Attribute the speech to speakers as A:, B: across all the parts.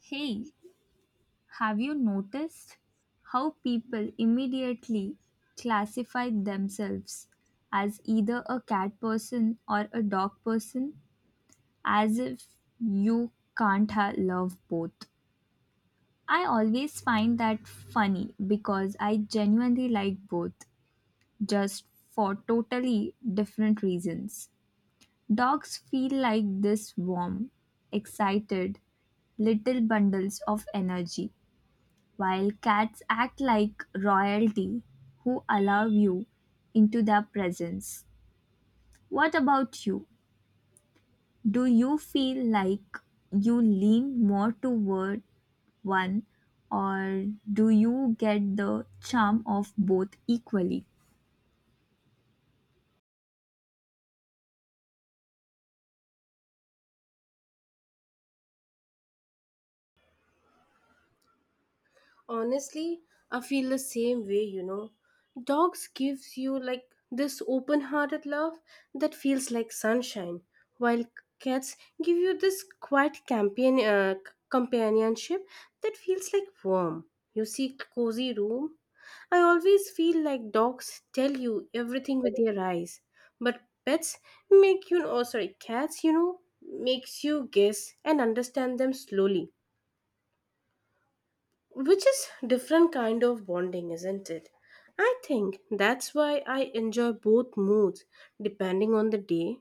A: Hey, have you noticed how people immediately classify themselves as either a cat person or a dog person as if you can't ha- love both? I always find that funny because I genuinely like both, just for totally different reasons. Dogs feel like this warm, excited, little bundles of energy while cats act like royalty who allow you into their presence. What about you? Do you feel like you lean more toward one or do you get the charm of both equally?
B: Honestly, I feel the same way, Dogs gives you like this open-hearted love that feels like sunshine, while cats give you this quiet companion companionship that feels like warm. You see cozy room. I always feel like dogs tell you everything with their eyes, but pets make you oh sorry, cats, makes you guess and understand them slowly, which is different kind of bonding, isn't it? I think that's why I enjoy both moods depending on the day.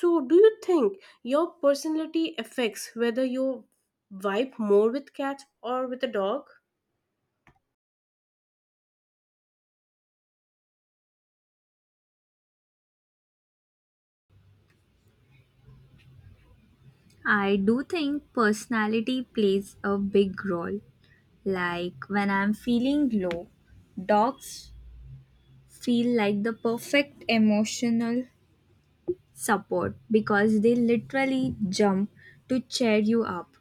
B: So, do you think your personality affects whether you vibe more with cats or with a dog?
A: I do think personality plays a big role. Like when I'm feeling low, dogs feel like the perfect emotional support because they literally jump to cheer you up.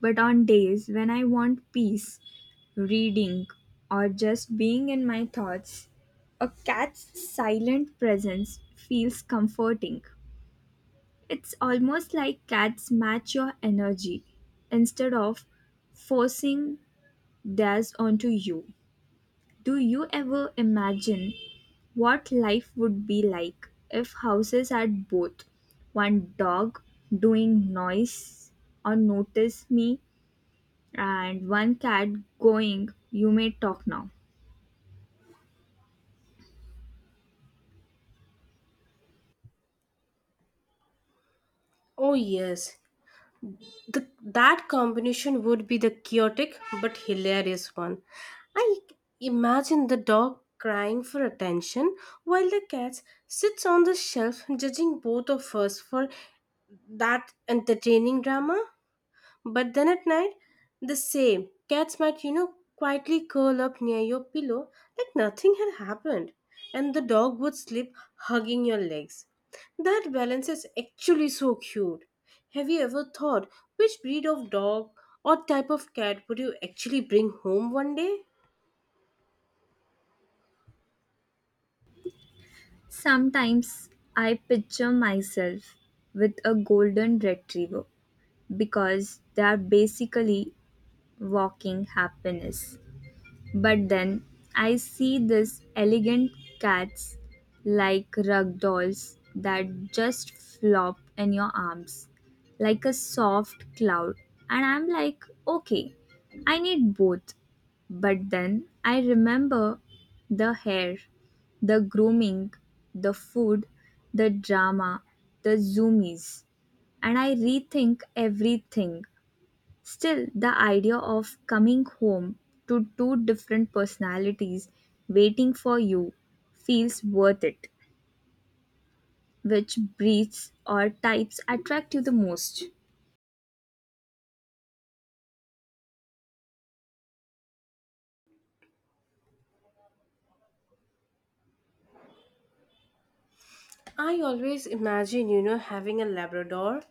A: But on days when I want peace, reading, or just being in my thoughts, a cat's silent presence feels comforting. It's almost like cats match your energy instead of forcing theirs onto you. Do you ever imagine what life would be like if houses had both one dog doing noise or notice me and one cat going, "You may talk now"?
B: Oh yes, that combination would be the chaotic but hilarious one. I imagine the dog crying for attention while the cat sits on the shelf judging both of us for that entertaining drama. But then at night, the same cats might, quietly curl up near your pillow like nothing had happened, and the dog would sleep hugging your legs. That balance is actually so cute. Have you ever thought which breed of dog or type of cat would you actually bring home one day?
A: Sometimes I picture myself with a golden retriever because they are basically walking happiness. But then I see these elegant cats like rug dolls that just flop in your arms like a soft cloud, and I'm like, okay, I need both. But then I remember the hair, the grooming, the food, the drama, the zoomies, and I rethink everything. Still, the idea of coming home to two different personalities waiting for you feels worth it. Which breeds or types attract you the most?
B: I always imagine, having a Labrador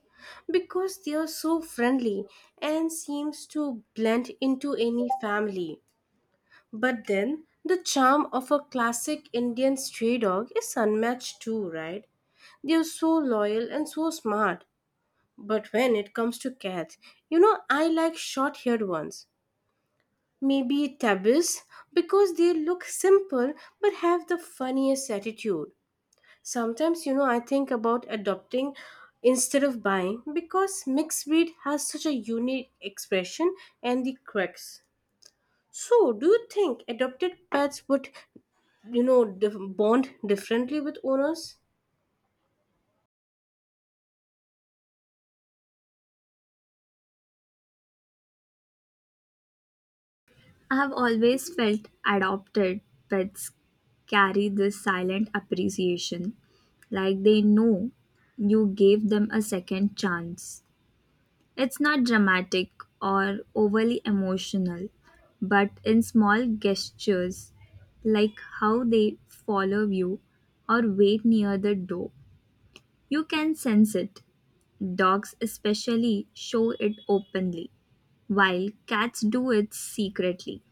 B: because they are so friendly and seems to blend into any family. But then the charm of a classic Indian stray dog is unmatched too, right? They are so loyal and so smart. But when it comes to cats, I like short haired ones. Maybe tabbies because they look simple but have the funniest attitude. Sometimes, I think about adopting instead of buying because mixed breed has such a unique expression and the quirks. So, do you think adopted pets would bond differently with owners?
A: I have always felt adopted pets carry this silent appreciation, like they know you gave them a second chance. It's not dramatic or overly emotional, but in small gestures, like how they follow you or wait near the door, you can sense it. Dogs, especially, show it openly, while cats do it secretly,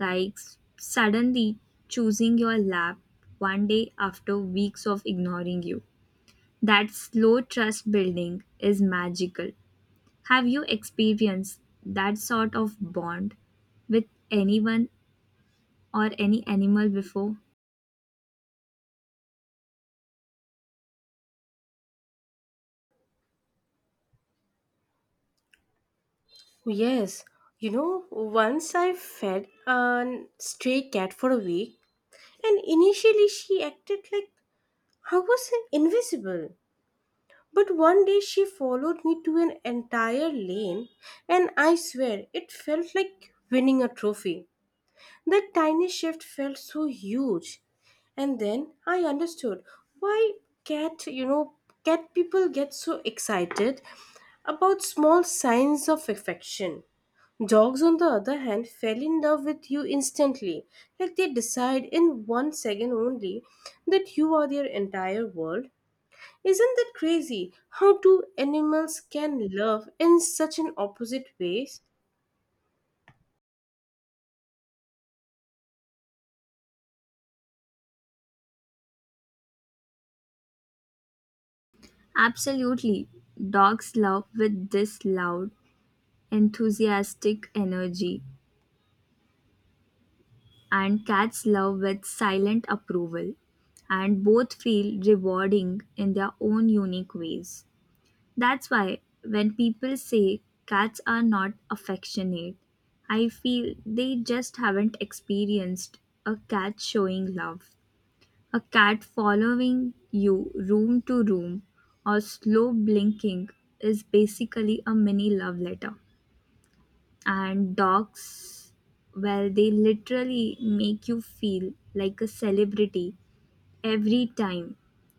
A: like suddenly choosing your lap one day after weeks of ignoring you. That slow trust building is magical. Have you experienced that sort of bond with anyone or any animal before?
B: Yes, once I fed a stray cat for a week, and initially she acted like I was invisible, but one day she followed me to an entire lane, and I swear it felt like winning a trophy. That tiny shift felt so huge, and then I understood why cat you know cat people get so excited about small signs of affection. Dogs, on the other hand, fell in love with you instantly. Like they decide in one second only that you are their entire world. Isn't that crazy? How two animals can love in such an opposite ways?
A: Absolutely. Dogs love with this loud, enthusiastic energy, and cats love with silent approval, and both feel rewarding in their own unique ways. That's why when people say cats are not affectionate, I feel they just haven't experienced a cat showing love. A cat following you room to room or slow blinking is basically a mini love letter. And dogs, well, they literally make you feel like a celebrity every time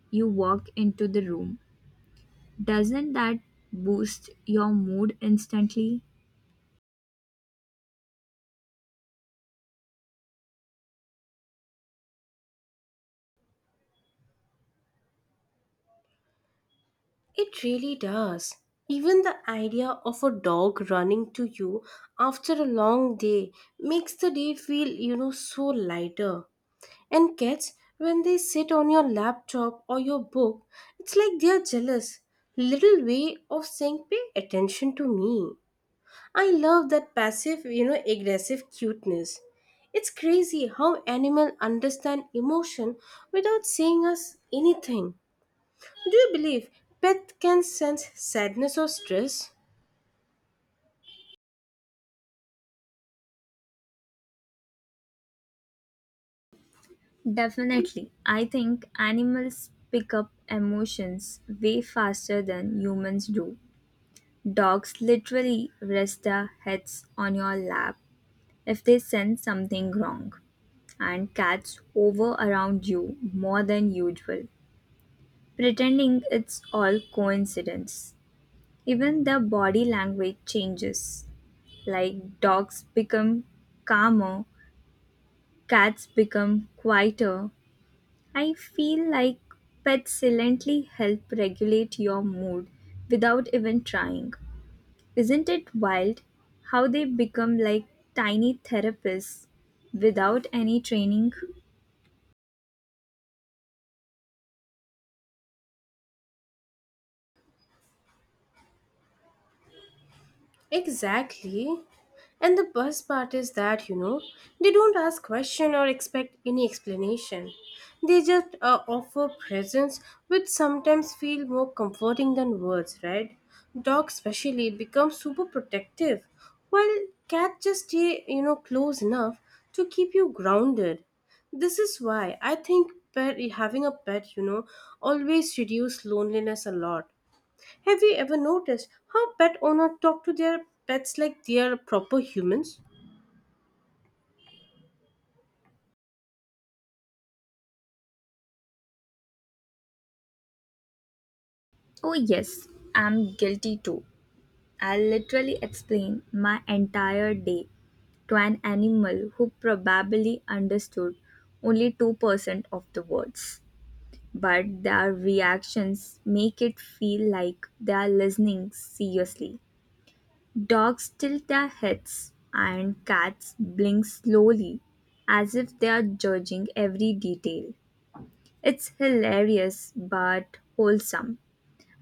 A: you walk into the room. Doesn't that boost your mood instantly?
B: It really does. Even the idea of a dog running to you after a long day makes the day feel, so lighter. And cats, when they sit on your laptop or your book, it's like they're jealous. Little way of saying, pay attention to me. I love that passive, aggressive cuteness. It's crazy how animals understand emotion without saying us anything. Do you believe pets can sense sadness or stress?
A: Definitely. I think animals pick up emotions way faster than humans do. Dogs literally rest their heads on your lap if they sense something wrong, and cats hover around you more than usual, pretending it's all coincidence. Even their body language changes. Like dogs become calmer, cats become quieter. I feel like pets silently help regulate your mood without even trying. Isn't it wild how they become like tiny therapists without any training?
B: Exactly. And the best part is that, they don't ask question or expect any explanation. They just offer presence which sometimes feel more comforting than words, right? Dogs especially become super protective while cats just stay, close enough to keep you grounded. This is why I think pet, having a pet, always reduce loneliness a lot. Have you ever noticed how pet owners talk to their pets like they are proper humans?
A: Oh, yes, I'm guilty too. I'll literally explain my entire day to an animal who probably understood only 2% of the words. But their reactions make it feel like they are listening seriously. Dogs tilt their heads, and cats blink slowly, as if they are judging every detail. It's hilarious but wholesome,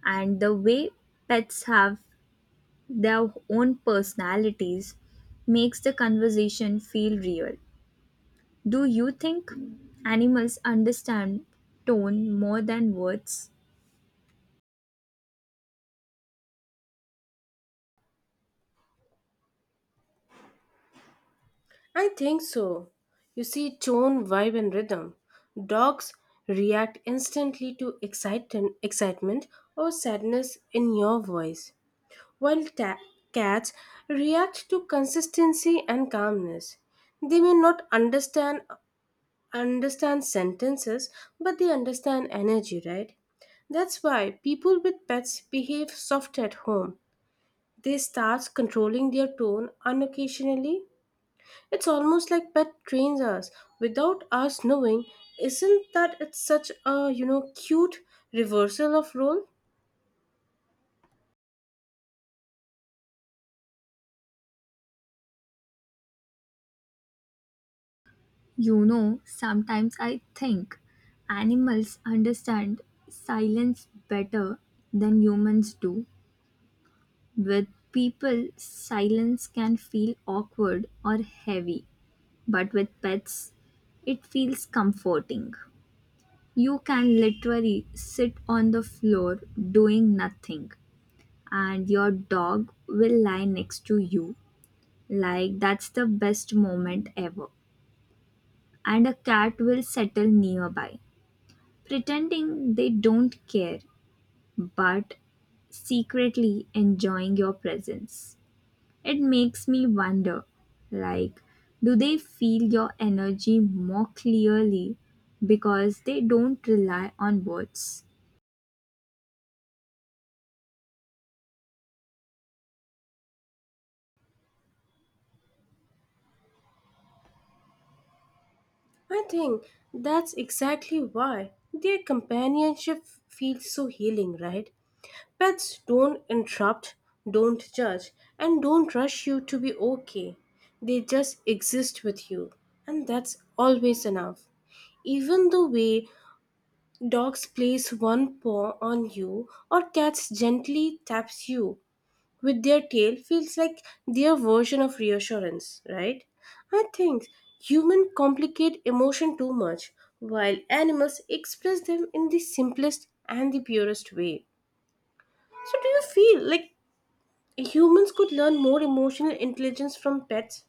A: and the way pets have their own personalities makes the conversation feel real. Do you think animals understand tone more than words?
B: I think so. You see tone, vibe, and rhythm. Dogs react instantly to excitement or sadness in your voice, while cats react to consistency and calmness. They may not understand sentences, but they understand energy, right? That's why people with pets behave soft at home. They start controlling their tone unocasionally. It's almost like pet trains us without us knowing. Isn't that it's such a cute reversal of role?
A: You know, sometimes I think animals understand silence better than humans do. With people, silence can feel awkward or heavy, but with pets, it feels comforting. You can literally sit on the floor doing nothing, and your dog will lie next to you. Like, that's the best moment ever. And a cat will settle nearby pretending they don't care but secretly enjoying your presence. It makes me wonder like, do they feel your energy more clearly because they don't rely on words?
B: I think that's exactly why their companionship feels so healing, right? Pets don't interrupt, don't judge, and don't rush you to be okay. They just exist with you, and that's always enough. Even the way dogs place one paw on you, or cats gently taps you with their tail feels like their version of reassurance, right? I think humans complicate emotion too much, while animals express them in the simplest and the purest way. So, do you feel like humans could learn more emotional intelligence from pets?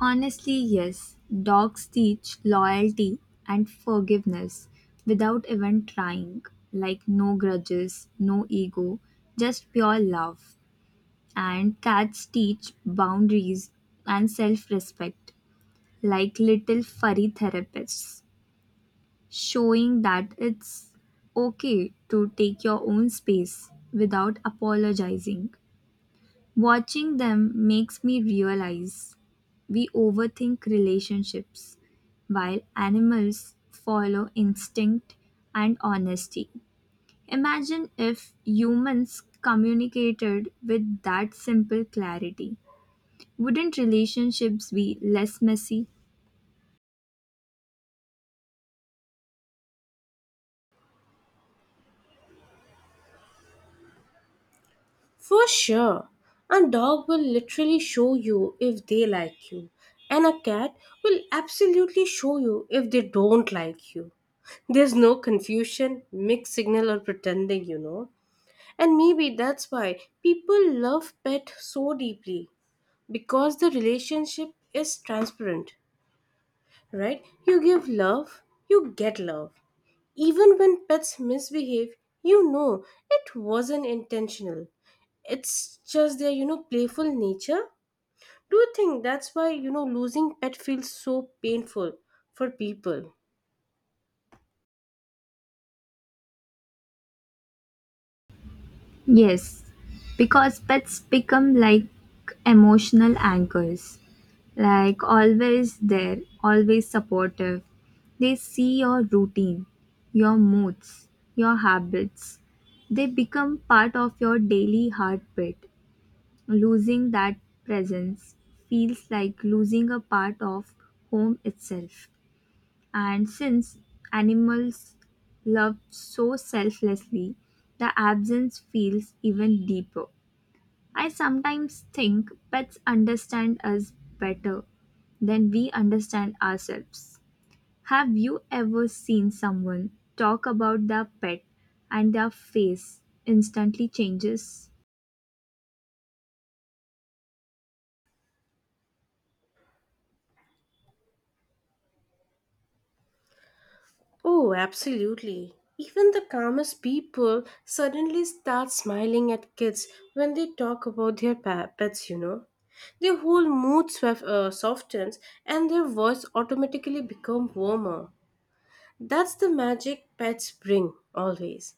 A: Honestly, yes, dogs teach loyalty and forgiveness without even trying, like no grudges, no ego, just pure love. And cats teach boundaries and self respect like little furry therapists, showing that it's okay to take your own space without apologizing. Watching them makes me realize we overthink relationships while animals follow instinct and honesty. Imagine if humans communicated with that simple clarity. Wouldn't relationships be less messy?
B: For sure. A dog will literally show you if they like you, and a cat will absolutely show you if they don't like you. There's no confusion, mixed signal, or pretending, And maybe that's why people love pet so deeply because the relationship is transparent, right? You give love, you get love. Even when pets misbehave, you know it wasn't intentional. It's just their, playful nature. Do you think that's why, losing pet feels so painful for people?
A: Yes, because pets become like emotional anchors, like always there, always supportive. They see your routine, your moods, your habits. They become part of your daily heartbeat. Losing that presence feels like losing a part of home itself. And since animals love so selflessly, the absence feels even deeper. I sometimes think pets understand us better than we understand ourselves. Have you ever seen someone talk about their pet and their face instantly changes?
B: Oh, absolutely. Even the calmest people suddenly start smiling at kids when they talk about their pets, Their whole mood softens, and their voice automatically become warmer. That's the magic pets bring, always.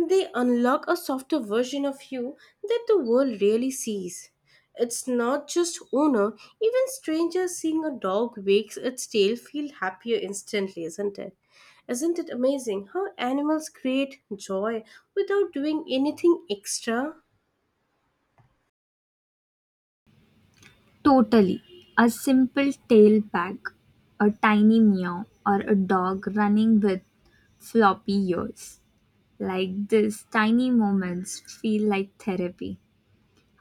B: They unlock a softer version of you that the world really sees. It's not just owner, even strangers seeing a dog wags its tail feel happier instantly, isn't it? Isn't it amazing how animals create joy without doing anything extra?
A: Totally. A simple tail wag, a tiny meow, or a dog running with floppy ears. Like these tiny moments feel like therapy.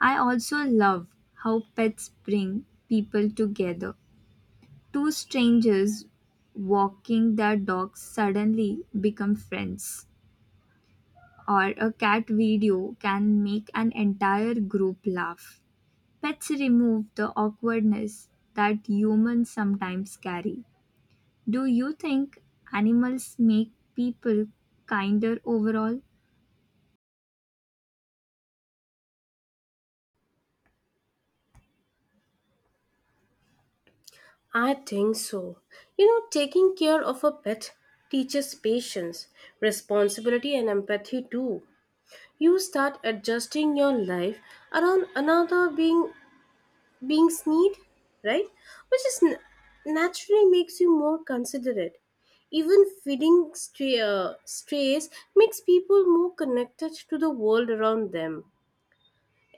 A: I also love how pets bring people together. Two strangers walking their dogs suddenly become friends, or a cat video can make an entire group laugh. Pets remove the awkwardness that humans sometimes carry. Do you think animals make people kinder overall?
B: I think so. You know, taking care of a pet teaches patience, responsibility, and empathy too. You start adjusting your life around another being's need, right? Which is naturally makes you more considerate. Even feeding strays makes people more connected to the world around them.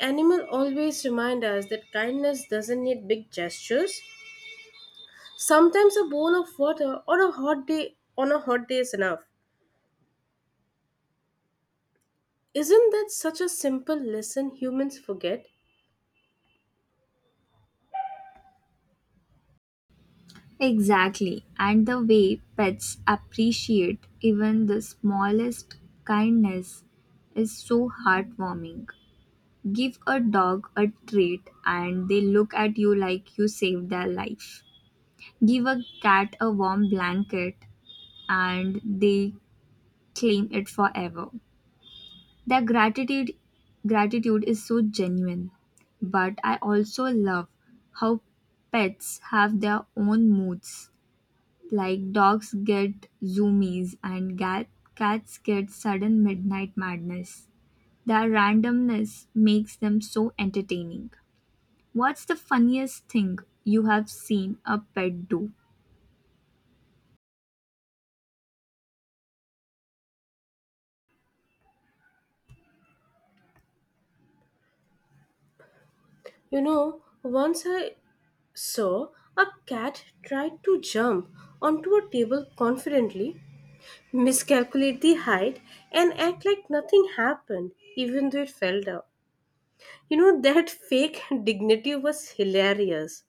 B: Animal always remind us that kindness doesn't need big gestures. Sometimes a bowl of water or a hot day on a hot day is enough. Isn't that such a simple lesson humans forget?
A: Exactly, and the way pets appreciate even the smallest kindness is so heartwarming. Give a dog a treat and they look at you like you saved their life. Give a cat a warm blanket and they claim it forever. Their gratitude is so genuine. But I also love how pets have their own moods. Like dogs get zoomies and cats get sudden midnight madness, their randomness makes them so entertaining. What's the funniest thing you have seen a pet do?
B: You know once I So, a cat tried to jump onto a table confidently, miscalculate the height, and act like nothing happened, even though it fell down. You know, that fake dignity was hilarious.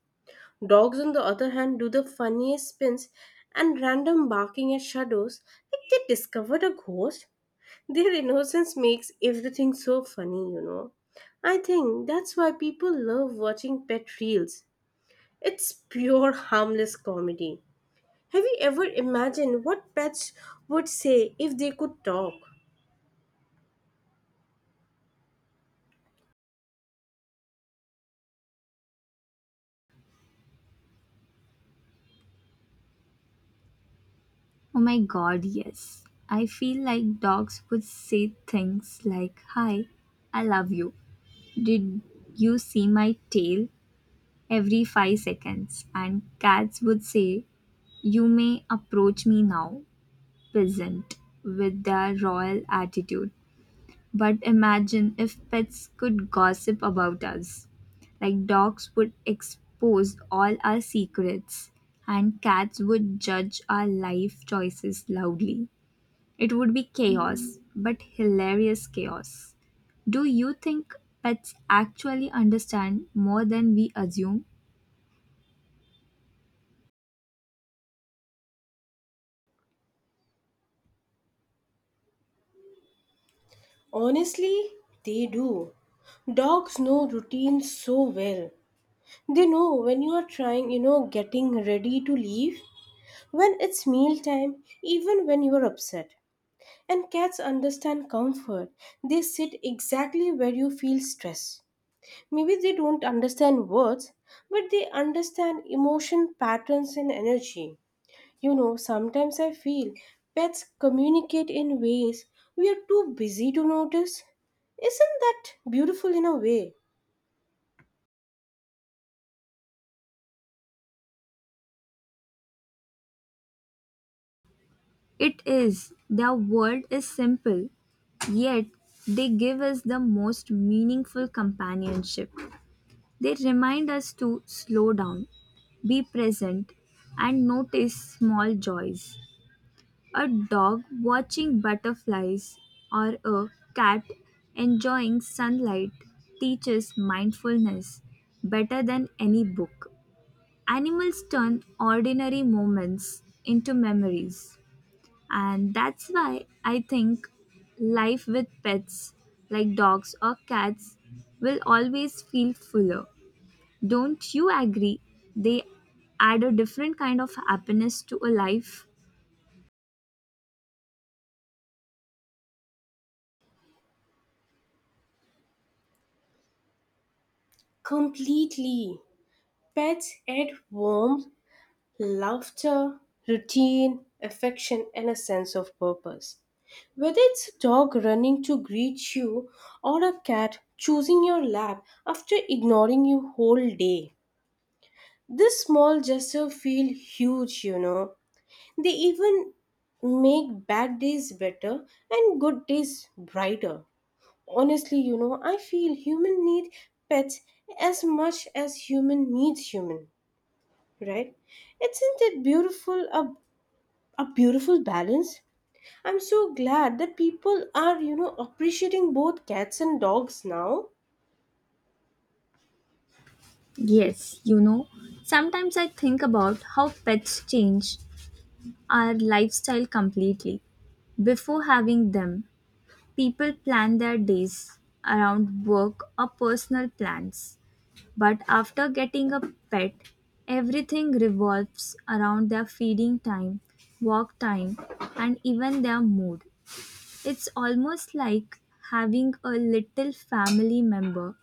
B: Dogs, on the other hand, do the funniest spins and random barking at shadows like they discovered a ghost. Their innocence makes everything so funny, I think that's why people love watching pet reels. It's pure harmless comedy. Have you ever imagined what pets would say if they could talk?
A: Oh my god, yes. I feel like dogs would say things like, "Hi, I love you. Did you see my tail?" every five seconds. And cats would say, "You may approach me now," pleasant with their royal attitude. But imagine if pets could gossip about us. Like dogs would expose all our secrets, and cats would judge our life choices loudly. It would be chaos, but hilarious chaos. Do you think pets actually understand more than we assume?
B: Honestly, they do. Dogs know routines so well. They know when you are trying, getting ready to leave, when it's meal time, even when you are upset. And cats understand comfort. They sit exactly where you feel stress. Maybe they don't understand words, but they understand emotion patterns and energy. Sometimes I feel pets communicate in ways we are too busy to notice. Isn't that beautiful in a way?
A: It is. Their world is simple, yet they give us the most meaningful companionship. They remind us to slow down, be present, and notice small joys. A dog watching butterflies or a cat enjoying sunlight teaches mindfulness better than any book. Animals turn ordinary moments into memories. And that's why I think life with pets like dogs or cats will always feel fuller. Don't you agree? They add a different kind of happiness to a life.
B: Completely. Pets add warmth, laughter, routine, affection, and a sense of purpose. Whether it's a dog running to greet you or a cat choosing your lap after ignoring you whole day. This small gesture feel huge, They even make bad days better and good days brighter. Honestly, I feel human need pets as much as human needs human, right? Isn't it beautiful a beautiful balance? I'm so glad that people are, appreciating both cats and dogs now.
A: Yes, you know, sometimes I think about how pets change our lifestyle completely. Before having them, people plan their days around work or personal plans. But after getting a pet, everything revolves around their feeding time, walk time, and even their mood. It's almost like having a little family member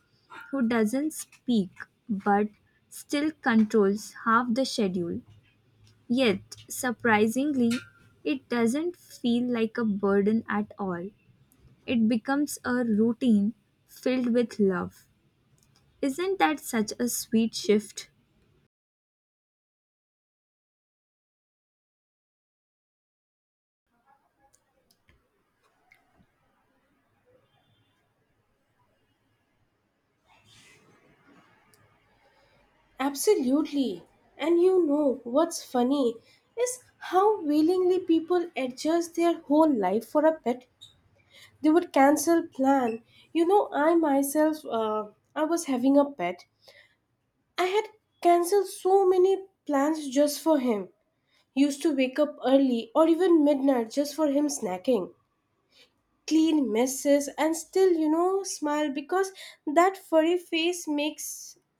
A: who doesn't speak but still controls half the schedule. Yet, surprisingly, it doesn't feel like a burden at all. It becomes a routine filled with love. Isn't that such a sweet shift?
B: Absolutely. And you know what's funny is how willingly people adjust their whole life for a pet. They would cancel plan. you know i myself uh, I was having a pet. I had canceled so many plans just for him. Used to wake up early or even midnight just for him snacking, clean messes, and still smile because that furry face makes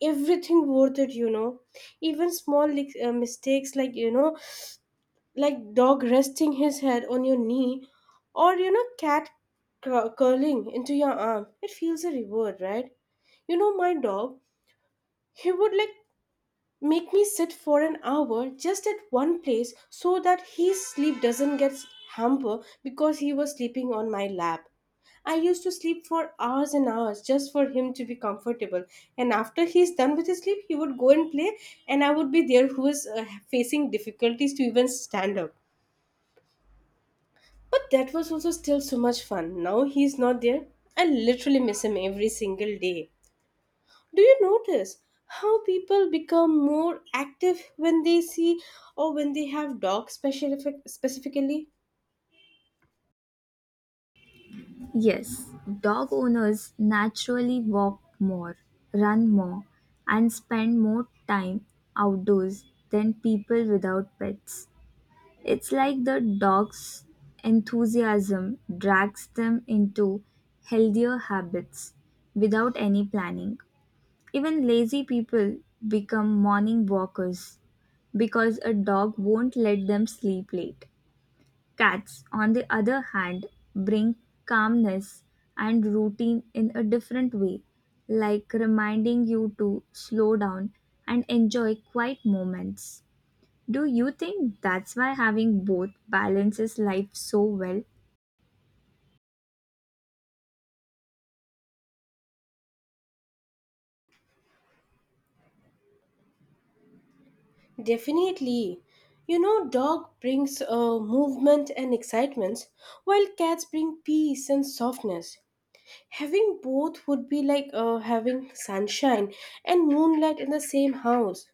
B: everything worth it, even small like, mistakes like like dog resting his head on your knee, or cat curling into your arm, it feels a reward, right? My dog, he would like make me sit for an hour just at one place so that his sleep doesn't get hampered because he was sleeping on my lap. I used to sleep for hours and hours just for him to be comfortable. And after he's done with his sleep, he would go and play, and I would be there who is facing difficulties to even stand up. But that was also still so much fun. Now he's not there. I literally miss him every single day. Do you notice how people become more active when they see or when they have dogs specifically?
A: Yes, dog owners naturally walk more, run more, and spend more time outdoors than people without pets. It's like the dog's enthusiasm drags them into healthier habits without any planning. Even lazy people become morning walkers because a dog won't let them sleep late. Cats, on the other hand, bring calmness and routine in a different way, like reminding you to slow down and enjoy quiet moments. Do you think that's why having both balances life so well?
B: Definitely. You know, dog brings movement and excitement, while cats bring peace and softness. Having both would be like having sunshine and moonlight in the same house,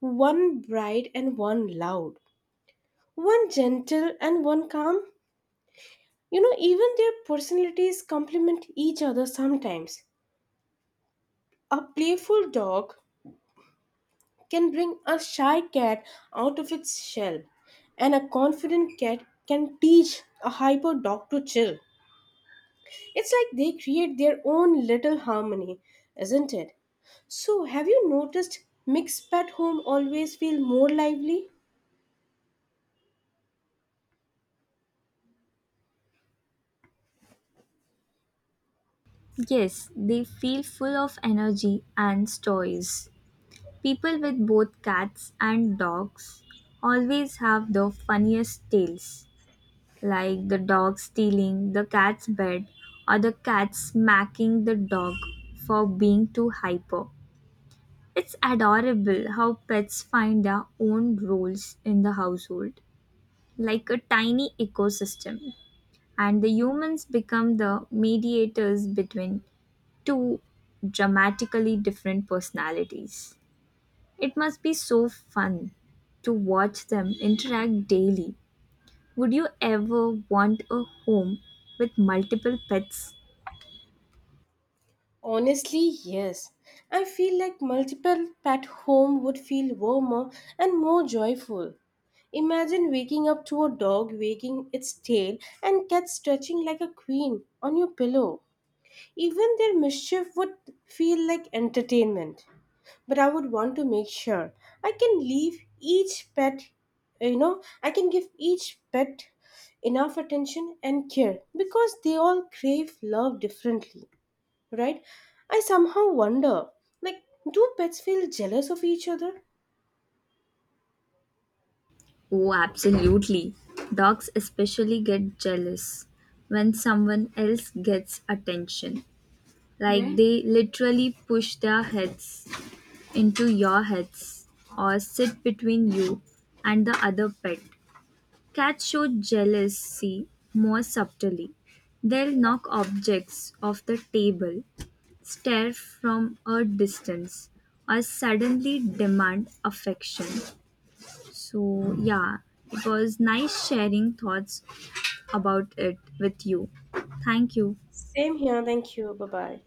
B: one bright and one loud. One gentle and one calm. You know, even their personalities complement each other sometimes. A playful dog can bring a shy cat out of its shell, and a confident cat can teach a hyper dog to chill. It's like they create their own little harmony, isn't it? So, have you noticed mixed pet home always feel more lively?
A: Yes, they feel full of energy and stories. People with both cats and dogs always have the funniest tales, like the dog stealing the cat's bed or the cat smacking the dog for being too hyper. It's adorable how pets find their own roles in the household, like a tiny ecosystem, and the humans become the mediators between two dramatically different personalities. It must be so fun to watch them interact daily. Would you ever want a home with multiple pets?
B: Honestly, yes. I feel like multiple pet home would feel warmer and more joyful. Imagine waking up to a dog wagging its tail and cat stretching like a queen on your pillow. Even their mischief would feel like entertainment. But I would want to make sure I can leave each pet, I can give each pet enough attention and care because they all crave love differently, right? I somehow wonder, like, do pets feel jealous of each other?
A: Oh, absolutely. Dogs especially get jealous when someone else gets attention. Like, yeah, they literally push their heads into your heads or sit between you and the other pet. Cats show jealousy more subtly. They'll knock objects off the table, stare from a distance, or suddenly demand affection. So, yeah, it was nice sharing thoughts about it with you. Thank you.
B: Same here. Thank you. Bye bye.